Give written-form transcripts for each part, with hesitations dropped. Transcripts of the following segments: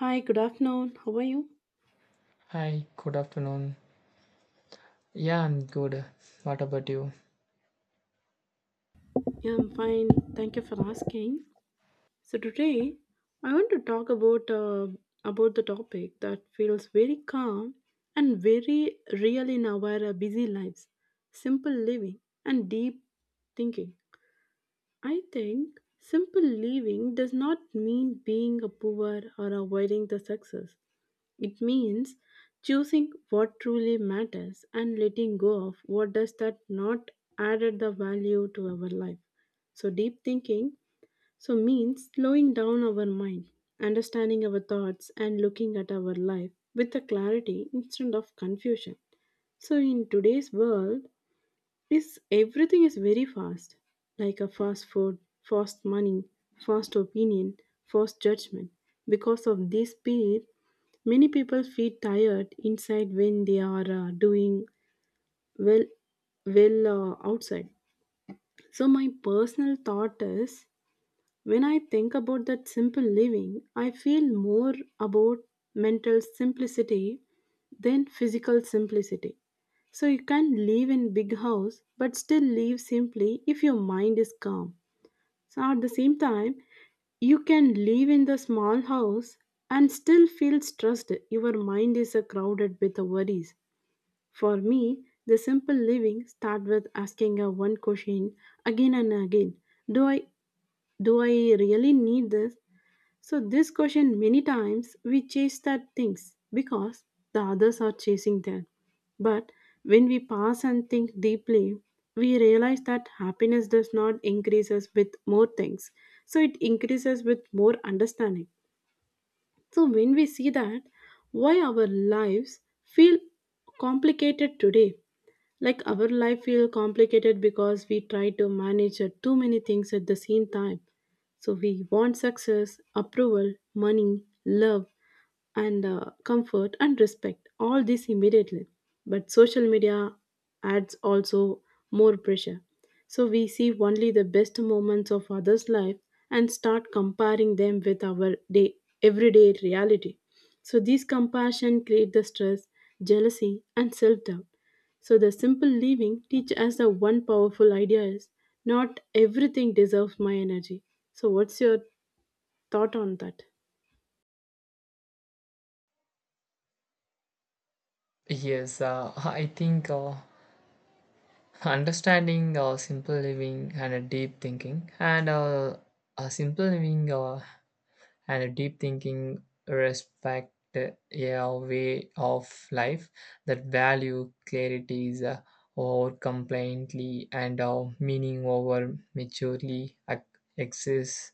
Hi, good afternoon. How are you? Hi, good afternoon. Yeah, I'm good. What about you? Yeah, I'm fine. Thank you for asking. So today, I want to talk about the topic that feels very calm and very real in our busy lives: simple living and deep thinking. I think simple living does not mean being a poor or avoiding the success. It means choosing what truly matters and letting go of what does that not added the value to our life. So deep thinking so means slowing down our mind, understanding our thoughts and looking at our life with a clarity instead of confusion. So in today's world is everything is very fast, like a fast food, fast money, fast opinion, fast judgment. Because of this speed many people feel tired inside when they are doing well well outside. So my personal thought is when I think about that simple living, I feel more about mental simplicity than physical simplicity. So you can live in big house but still live simply if your mind is calm. So at the same time, you can live in the small house and still feel stressed. Your mind is crowded with the worries. For me, the simple living start with asking a one question again and again. Do I do I really need this? So this question, many times we chase that things because the others are chasing them. But when we pause and think deeply, we realize that happiness does not increase us with more things, so it increases with more understanding. So when we see that why our lives feel complicated today, like our life feel complicated because we try to manage too many things at the same time. So we want success, approval, money, love, and comfort and respect all this immediately, but social media adds also more pressure. So we see only the best moments of others life and start comparing them with our day, everyday reality. So these compassion create the stress, jealousy and self doubt. So the simple leaving teach us the one powerful idea is not everything deserves my energy. So what's your thought on that? Yes, I think understanding simple living and a deep thinking and a simple living and a deep thinking respect a way of life that value clarity is over compliantly and meaning over maturely exists,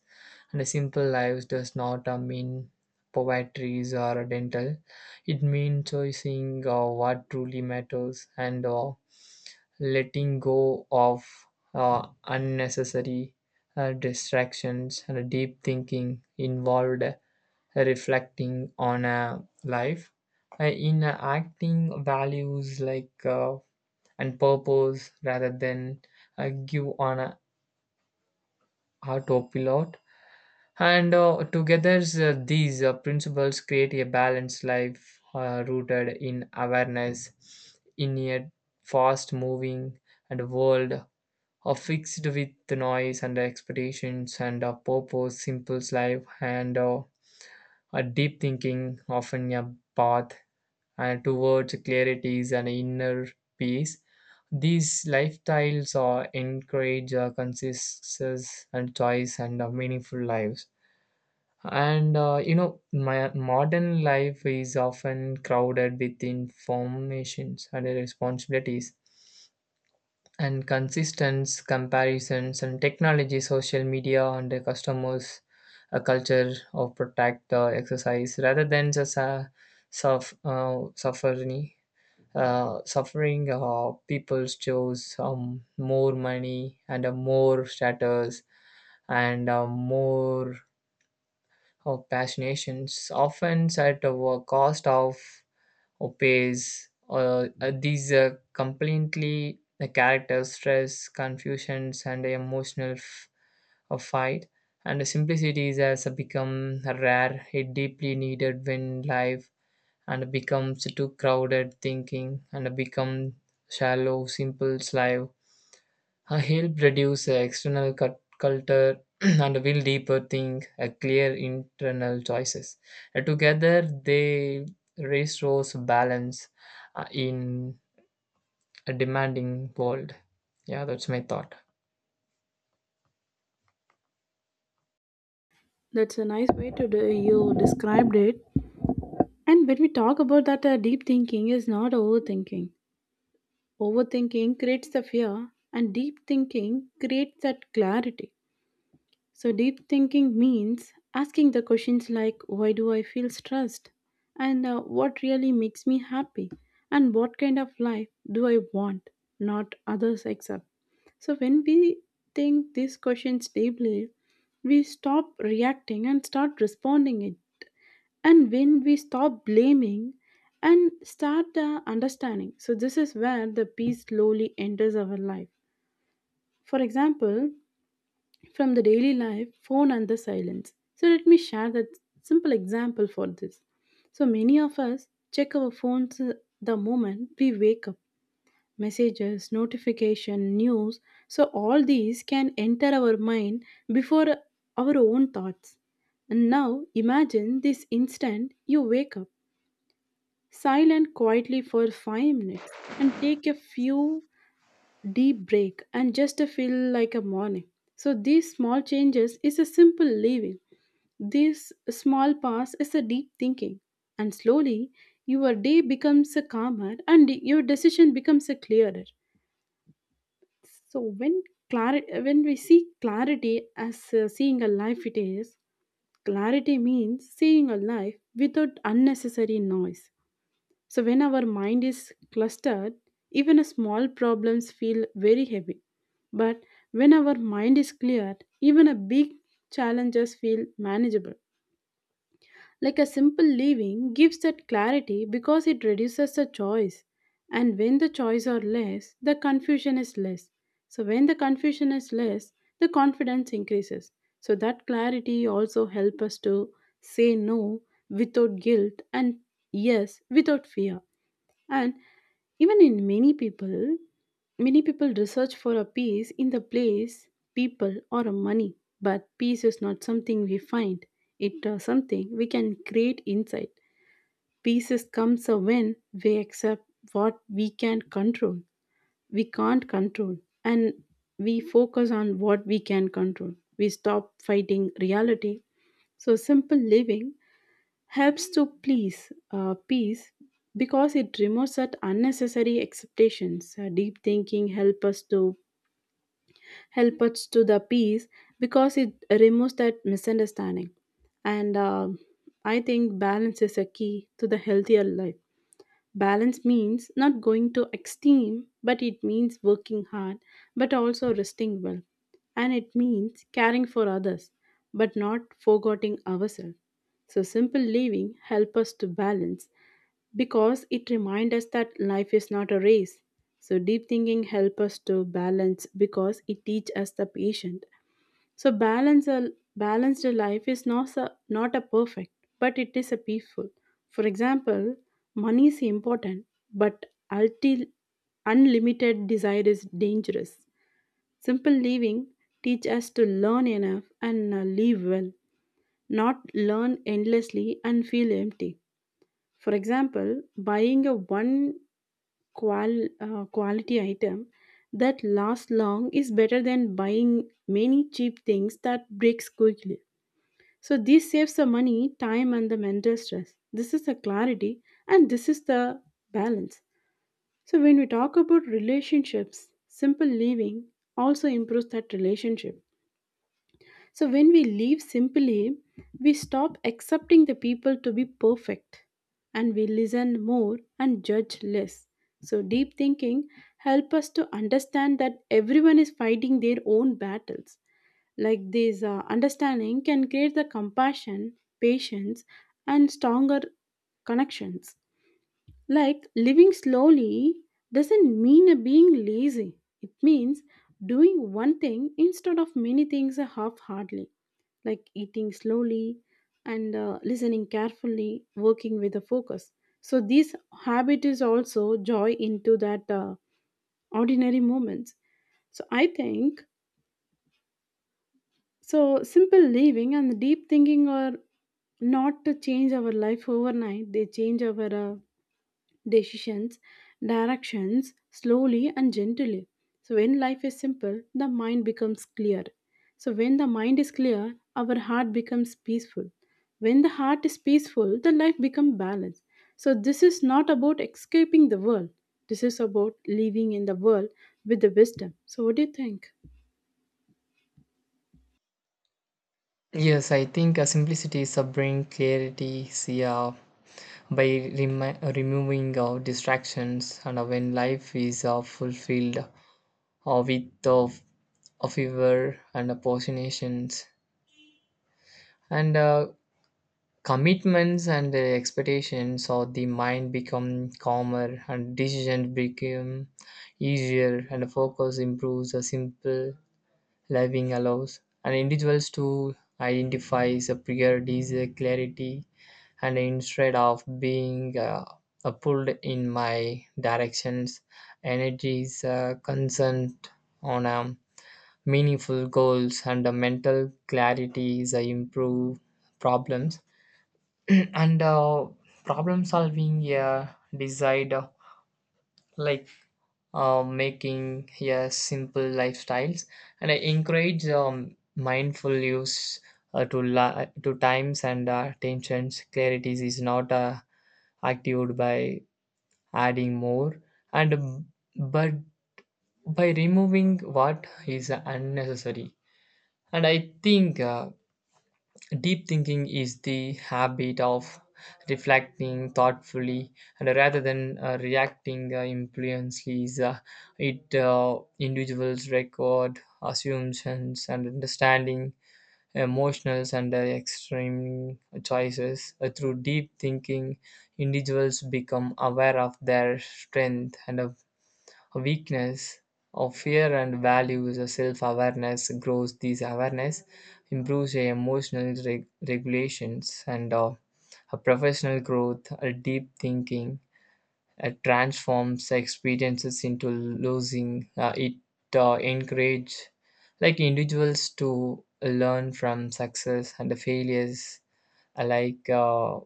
and a simple life does not mean poetries or dental. It means choosing what truly matters and letting go of unnecessary distractions, and a deep thinking involved reflecting on a life in acting values like and purpose rather than give on a autopilot. And together these principles create a balanced life rooted in awareness in a fast moving and world are fixed with the noise and expectations and a purpose, simple life, and a deep thinking, often a path and towards clarities and inner peace. These lifestyles are encourage consistency and choice and meaningful lives. And my modern life is often crowded with informations and responsibilities and consistent comparisons and technology, social media, and the customers, a culture of protect the exercise rather than just a suffering. Suffering people chose more money and more status and more of passionations often at a cost of Opes these completely the character stress confusions and emotional fight, and the simplicity has become rare it deeply needed when life and becomes too crowded thinking and become shallow simple life help reduce the external culture and will deeper think a clear internal choices. Together, they restores balance in a demanding world. Yeah, that's my thought. That's a nice way to do, you described it. And when we talk about that, deep thinking is not overthinking. Overthinking creates the fear, and deep thinking creates that clarity. So, deep thinking means asking the questions like why do I feel stressed? And what really makes me happy? And what kind of life do I want? Not others except. So, when we think these questions deeply, we stop reacting and start responding it. And when we stop blaming and start understanding, so this is where the peace slowly enters our life. For example, from the daily life, phone, and the silence. So, let me share that simple example for this. So, many of us check our phones the moment we wake up. Messages, notification, news, so all these can enter our mind before our own thoughts. And now imagine this instant you wake up silent quietly for 5 minutes and take a few deep break and just to feel like a morning. So these small changes is a simple living, this small pause is a deep thinking, and slowly your day becomes a calmer and your decision becomes a clearer. So when clarity, when we see clarity as seeing a life, it is clarity means seeing a life without unnecessary noise. So, when our mind is clustered, even a small problems feel very heavy. But when our mind is cleared, even a big challenges feel manageable. Like a simple living gives that clarity because it reduces the choice. And when the choice are less, the confusion is less. So when the confusion is less, the confidence increases. So that clarity also help us to say no without guilt and yes without fear. And even in many people research for a peace in the place, people, or a money. But peace is not something we find. It is something we can create inside. Peace is comes a when we accept what we can control. We can't control, and we focus on what we can control. We stop fighting reality. So simple living helps to please peace because it removes that unnecessary expectations. Deep thinking help us to the peace because it removes that misunderstanding and I think balance is a key to the healthier life. Balance means not going to extreme, but it means working hard, but also resting well. And it means caring for others, but not forgetting ourselves. So simple living help us to balance because it reminds us that life is not a race. So deep thinking helps us to balance because it teaches us the patient. So balanced life is not a, not a perfect, but it is a peaceful. For example, money is important, but ulti, unlimited desire is dangerous. Simple living teach us to learn enough and live well, not learn endlessly and feel empty. For example, buying a one quality item that lasts long is better than buying many cheap things that breaks quickly. So this saves the money, time and the mental stress. This is the clarity and this is the balance. So when we talk about relationships, simple living also improves that relationship. So when we live simply, we stop accepting the people to be perfect and we listen more and judge less. So deep thinking help us to understand that everyone is fighting their own battles. Like this understanding can create the compassion, patience and stronger connections. Like living slowly doesn't mean a being lazy. It means doing one thing instead of many things half heartedly, like eating slowly and listening carefully, working with a focus. So this habit is also joy into that ordinary moments. So I think so simple living and deep thinking are not to change our life overnight. They change our decisions, directions, slowly and gently. So, when life is simple, the mind becomes clear. So, when the mind is clear, our heart becomes peaceful. When the heart is peaceful, the life becomes balanced. So, this is not about escaping the world. This is about living in the world with the wisdom. So, what do you think? Yes, I think simplicity is a bring clarity. See, by removing distractions, and when life is fulfilled with a fever and a passionations, and commitments and expectations of the mind become calmer and decisions become easier, and the focus improves a simple living allows and individuals to identify the priorities clarity, and instead of being pulled in my directions, energy is concerned on meaningful goals, and the mental clarity is improve problems and problem solving, yeah. Decide like making, yeah, simple lifestyles, and I encourage mindful use to times and attentions. Clarities is not activated by adding more and but by removing what is unnecessary. And I think deep thinking is the habit of reflecting thoughtfully and rather than reacting impulsively. It individuals record assumptions and understanding emotions, and extreme choices. Through deep thinking, individuals become aware of their strength and a weakness of fear and values a self-awareness grows. These awareness improves your emotional regulations and a professional growth a deep thinking it transforms experiences into losing it encourage like individuals to learn from success and the failures alike.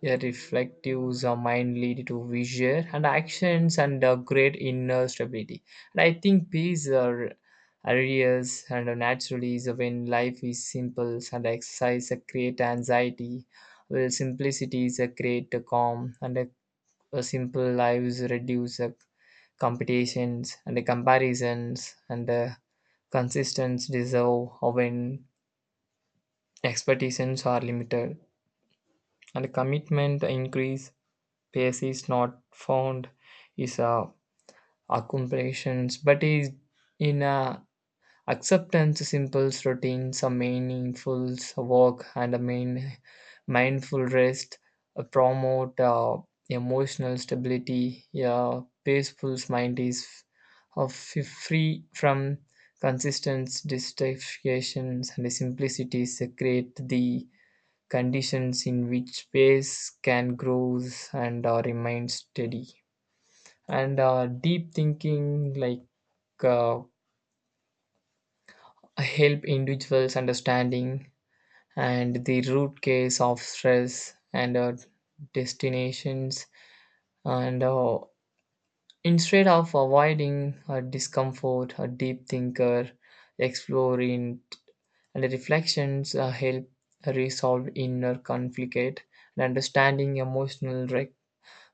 Yeah, reflective are mind lead to vision and actions and a great inner stability. And I think these are areas and are naturally is when life is simple and exercise a create anxiety, while simplicity is a create a calm, and a simple lives reduce the competitions and the comparisons and the consistence deserve when expectations are limited and commitment increase. Pace is not found is a accomplishments, but is in a acceptance, simple routines, a meaningful work, and a main mindful rest promote emotional stability. A peaceful mind is of free from consistent distractions, and simplicities create the conditions in which space can grow and remain steady. And deep thinking like uh, help individuals understanding and the root cause of stress and destinations, and instead of avoiding discomfort a deep thinker exploring and reflections help resolve inner conflict, and understanding emotional wreck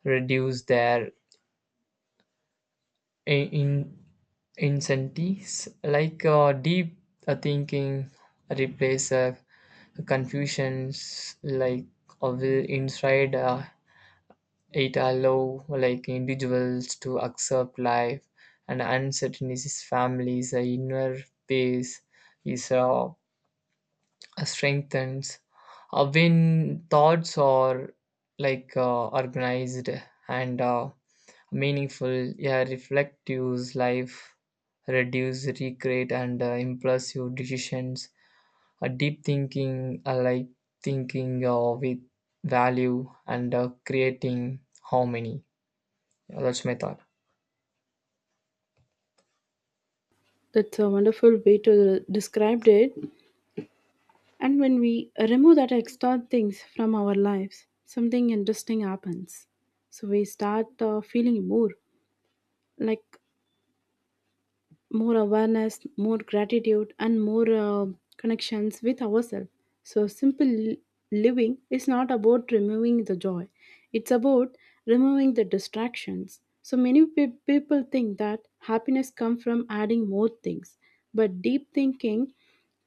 reduce their I- in incentives. Like deep thinking replace confusions like will inside it allow like individuals to accept life and uncertainties families inner peace is strengthens when thoughts are like organized and meaningful. Yeah, reflective life reduce regret and impulsive decisions a deep thinking like thinking with value and creating harmony. Yeah, that's my thought. That's a wonderful way to describe it. And when we remove that extra things from our lives, something interesting happens. So we start feeling more like more awareness, more gratitude, and more connections with ourselves. So, living is not about removing the joy, it's about removing the distractions. So, many people think that happiness comes from adding more things, but deep thinking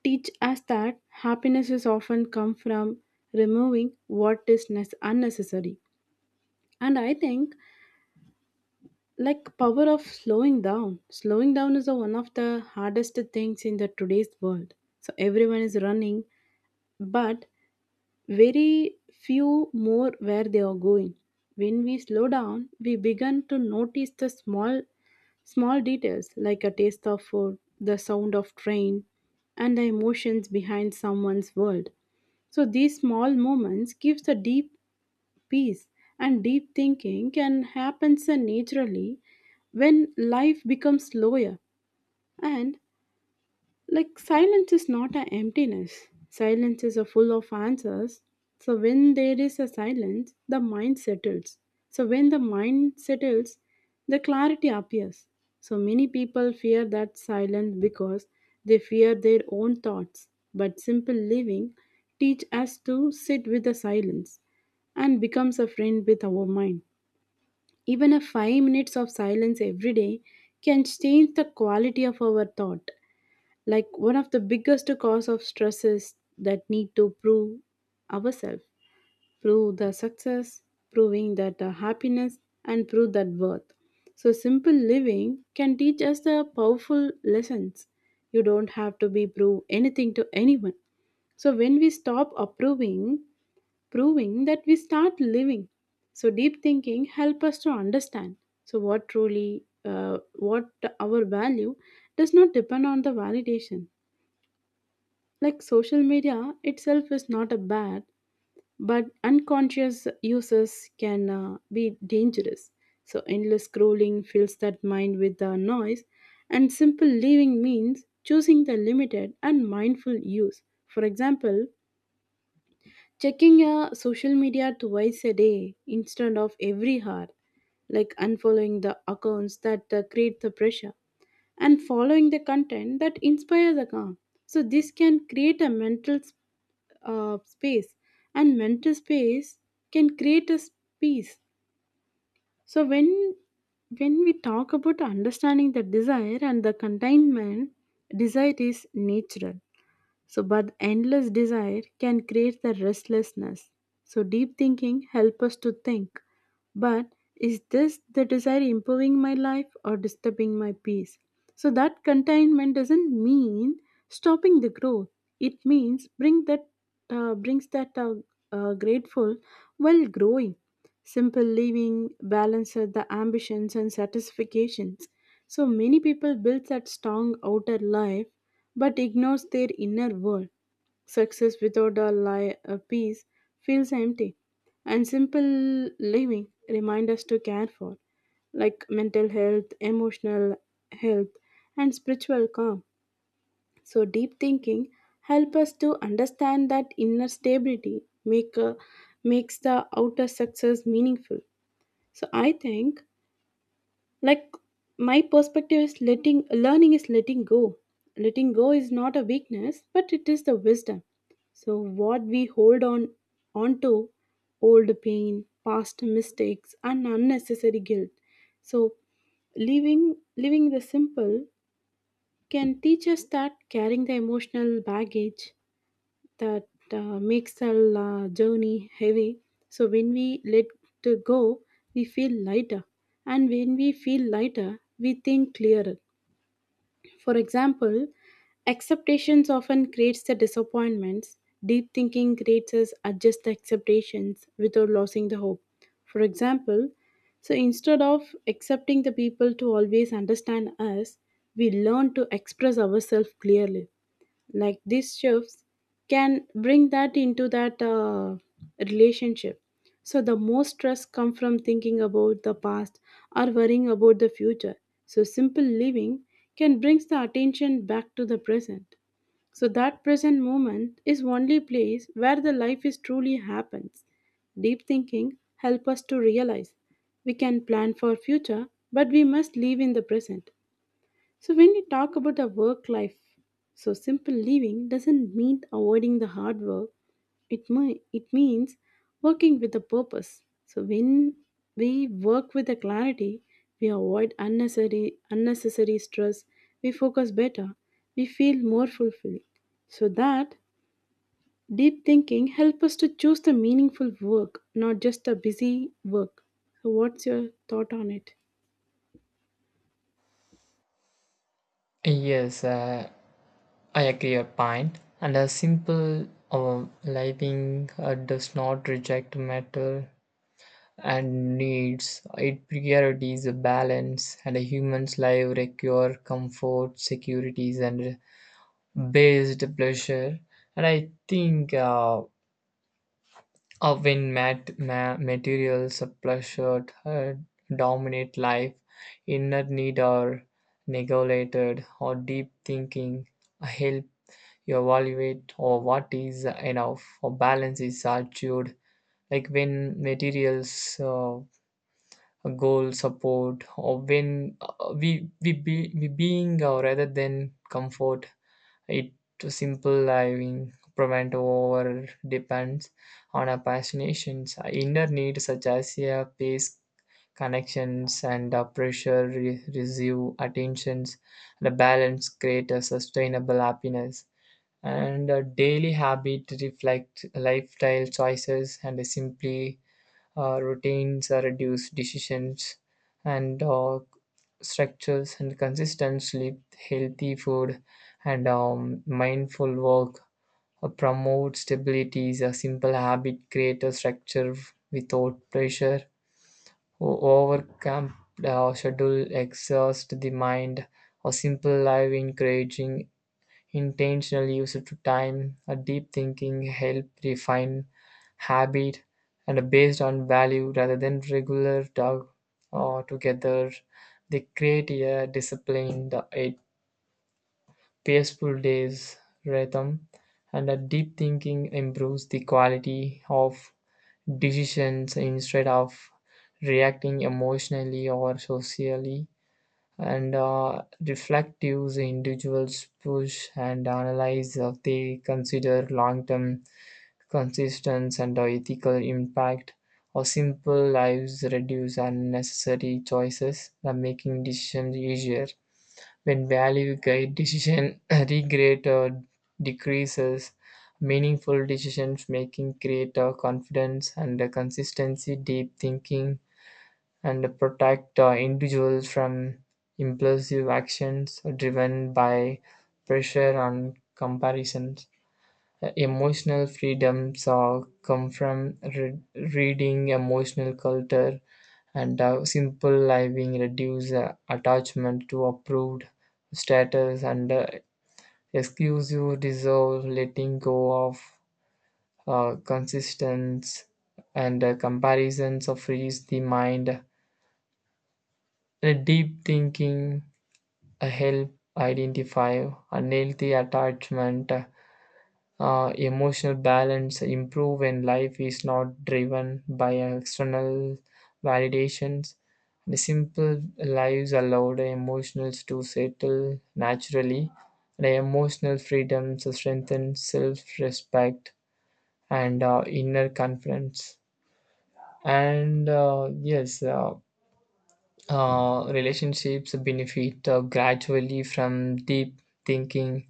teach us that happiness is often come from removing what is unnecessary. And I think like power of slowing down, slowing down is a, one of the hardest things in the today's world. So everyone is running, but very few more where they are going. When we slow down we begin to notice the small small details, like a taste of food, the sound of train and the emotions behind someone's world. So these small moments gives a deep peace, and deep thinking can happen so naturally when life becomes slower. And like silence is not an emptiness. Silence is a full of answers. So when there is a silence, the mind settles. So when the mind settles, the clarity appears. So many people fear that silence because they fear their own thoughts. But simple living teach us to sit with the silence and becomes a friend with our mind. Even a 5 minutes of silence every day can change the quality of our thought. Like one of the biggest cause of stress is that need to prove ourselves, prove the success, proving that the happiness and prove that worth. So simple living can teach us the powerful lessons. You don't have to be prove anything to anyone. So when we stop approving, proving that we start living. So deep thinking help us to understand. So what truly, what our value does not depend on the validation. Like social media itself is not a bad, but unconscious uses can be dangerous. So endless scrolling fills that mind with the noise, and simple living means choosing the limited and mindful use. For example, checking your social media twice a day instead of every hour, like unfollowing the accounts that create the pressure and following the content that inspires the calm. So this can create a space, and mental space can create a peace. So when we talk about understanding the desire and the contentment, desire is natural. So, but endless desire can create the restlessness. So, deep thinking help us to think. But is this the desire improving my life or disturbing my peace? So, that containment doesn't mean stopping the growth. It means bring that grateful while growing. Simple living balances the ambitions and satisfactions. So many people build that strong outer life but ignores their inner world. Success without a peace feels empty. And simple living remind us to care for like mental health, emotional health and spiritual calm. So deep thinking help us to understand that inner stability makes the outer success meaningful. So I think like my perspective is letting learning is letting go. Letting go is not a weakness, but it is the wisdom. So what we hold on onto old pain, past mistakes and unnecessary guilt. So living the simple can teach us that carrying the emotional baggage that makes our journey heavy. So when we let to go, we feel lighter, and when we feel lighter, we think clearer. For example, acceptations often creates the disappointments. Deep thinking creates us adjust the acceptations without losing the hope. For example, so instead of accepting the people to always understand us, we learn to express ourselves clearly like these shifts can bring that into that relationship. So the most stress come from thinking about the past or worrying about the future. So simple living can brings the attention back to the present. So that present moment is only place where the life is truly happens. Deep thinking help us to realize we can plan for future, but we must live in the present. So, when we talk about our work life, so simple living doesn't mean avoiding the hard work. It means working with a purpose. So, when we work with a clarity, we avoid unnecessary stress. We focus better. We feel more fulfilled. So that deep thinking help us to choose the meaningful work, not just the busy work. So, what's your thought on it? Yes, I agree your point, and a simple uh, living does not reject matter and needs. It priorities a balance, and a human's life require comfort, securities, and based pleasure. And I think when materials of pleasure dominate life, inner need are neglected, or deep thinking help you evaluate or what is enough or balance is achieved. Like when materials a goal support or when we being rather than comfort it to simple living prevent over depends on our passions, our inner needs such as a pace, connections and pressure receive attentions. The balance create a sustainable happiness, and a daily habit reflect lifestyle choices, and simply routines reduce decisions and structures and consistent sleep, healthy food, and mindful work promote stabilities. A simple habit create a structure without pressure overcome schedule exhaust the mind. A simple life encouraging intentional use of time, a deep thinking help refine habit and based on value rather than regular dog or together. They create a disciplined, a peaceful day's rhythm, and a deep thinking improves the quality of decisions instead of reacting emotionally or socially, and reflective individuals push and analyze if they consider long-term consistency and ethical impact or simple lives reduce unnecessary choices, making decisions easier. When value guide decision regret or decreases meaningful decisions making create confidence and consistency. Deep thinking and protect the individual from impulsive actions driven by pressure and comparison. Emotional freedoms are come from reading emotional culture, and simple living reduce attachment to approved status and exclusive dissolve letting go of consistence and comparisons of frees the mind. A deep thinking help identify unhealthy attachment, emotional balance improve when life is not driven by external validations. The simple lives allow the emotionals to settle naturally. The emotional freedom strengthens self-respect and inner confidence. And yes, relationships benefit gradually from deep thinking,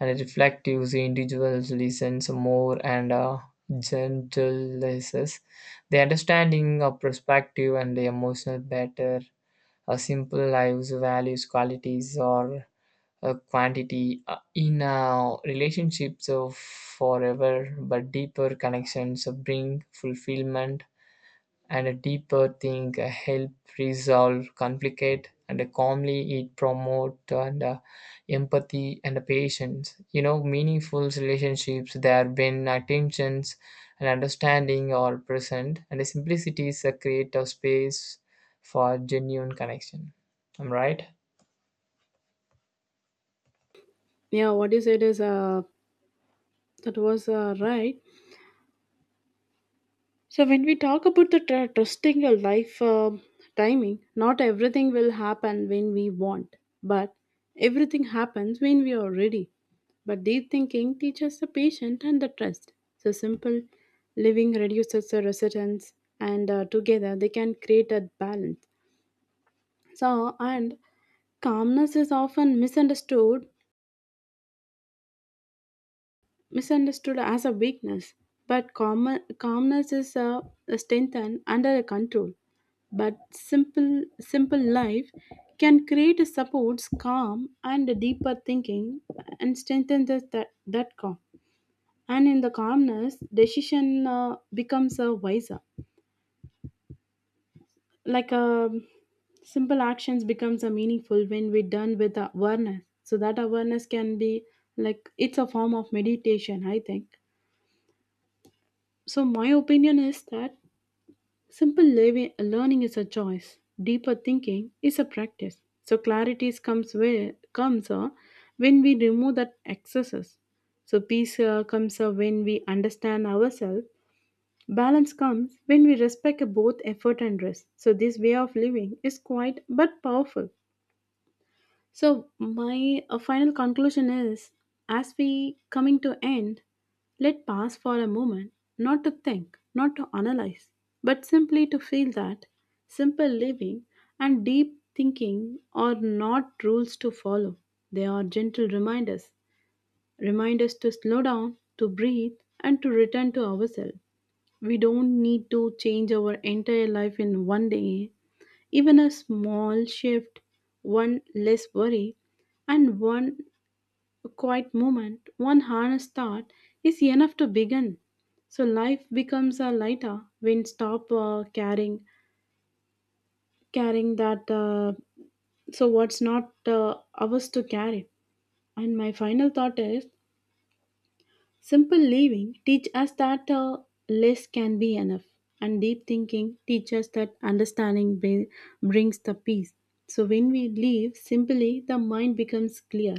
and reflective individuals listens more and gentleness. The understanding of perspective and the emotional better. A simple lives values qualities or a quantity in relationships of forever but deeper connections bring fulfillment, and a deeper thing help resolve conflict and calmly it promote and empathy and patience, you know, meaningful relationships there when attentions and understanding are present, and the simplicities create a space for genuine connection. I'm right. Yeah, what you said is that was right. So, when we talk about the trusting your life timing, not everything will happen when we want, but everything happens when we are ready. But deep thinking teaches the patient and the trust. So, simple living reduces the resistance, and together they can create a balance. So, and calmness is often misunderstood as a weakness, but calmness is a strength and under control. But simple life can create a supports calm and a deeper thinking and strengthen that calm. And in the calmness, decision becomes a wiser. Like a simple actions becomes a meaningful when we done with the awareness. So that awareness can be like it's a form of meditation, I think. So my opinion is that simple learning is a choice. Deeper thinking is a practice. So clarity comes when we remove that excesses. So peace comes when we understand ourselves. Balance comes when we respect both effort and rest. So this way of living is quiet but powerful. So my final conclusion is, as we coming to end, let pass for a moment, not to think, not to analyze, but simply to feel that simple living and deep thinking are not rules to follow. They are gentle reminders, reminders to slow down, to breathe, and to return to ourselves. We don't need to change our entire life in one day, even a small shift, one less worry, and one quiet moment, one honest thought is enough to begin. So life becomes a lighter when stop carrying that. So what's not ours to carry. And my final thought is, simple living teach us that less can be enough, and deep thinking teach us that understanding brings the peace. So when we live simply, the mind becomes clear.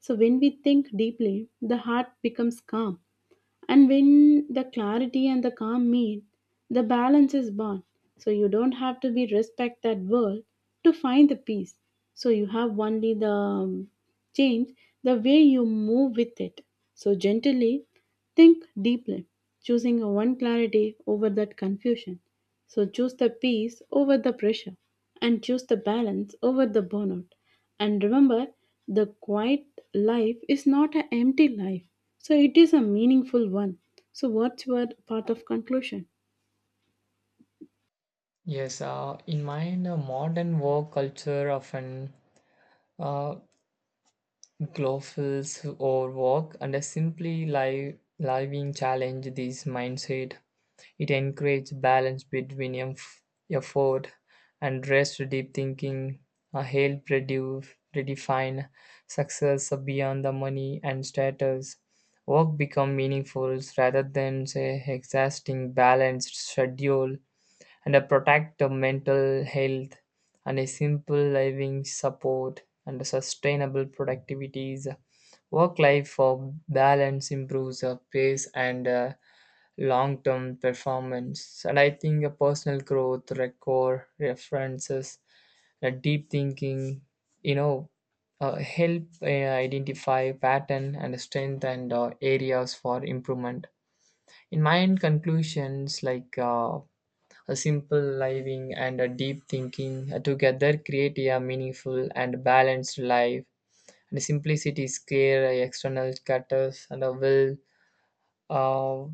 So when we think deeply, the heart becomes calm. And when the clarity and the calm meet, the balance is born. So you don't have to be respect that world to find the peace. So you have only the change the way you move with it. So gently think deeply, choosing a one clarity over that confusion. So choose the peace over the pressure and choose the balance over the burnout. And remember, the quiet life is not an empty life, so it is a meaningful one. So, what's your part of conclusion? Yes, in mind, modern work culture often uh, clothes or walk and simply live, living challenge this mindset. It encourages balance between effort and rest, deep thinking, a help reduce, redefine success beyond the money and status. Work become meaningful rather than say exhausting balanced schedule and a protect the mental health, and a simple living support and a sustainable productivities work life for balance improves pace and long term performance. And I think a personal growth record references deep thinking, you know, help identify pattern and strength and areas for improvement. In my end conclusions like a simple living and a deep thinking together create a meaningful and balanced life. And simplicity scare external cutters and a will uh,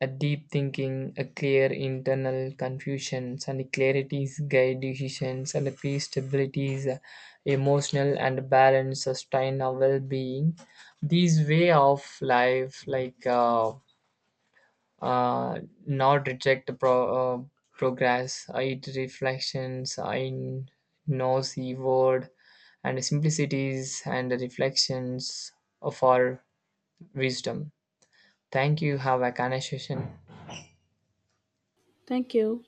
a deep thinking, a clear internal confusions and clarities guide decisions, and peace stability is emotional and balance sustain our well-being. These way of life like uh, not reject the progress. It reflections in noisy word, and simplicities and the reflections of our wisdom. Thank you. Have a conversation. Thank you.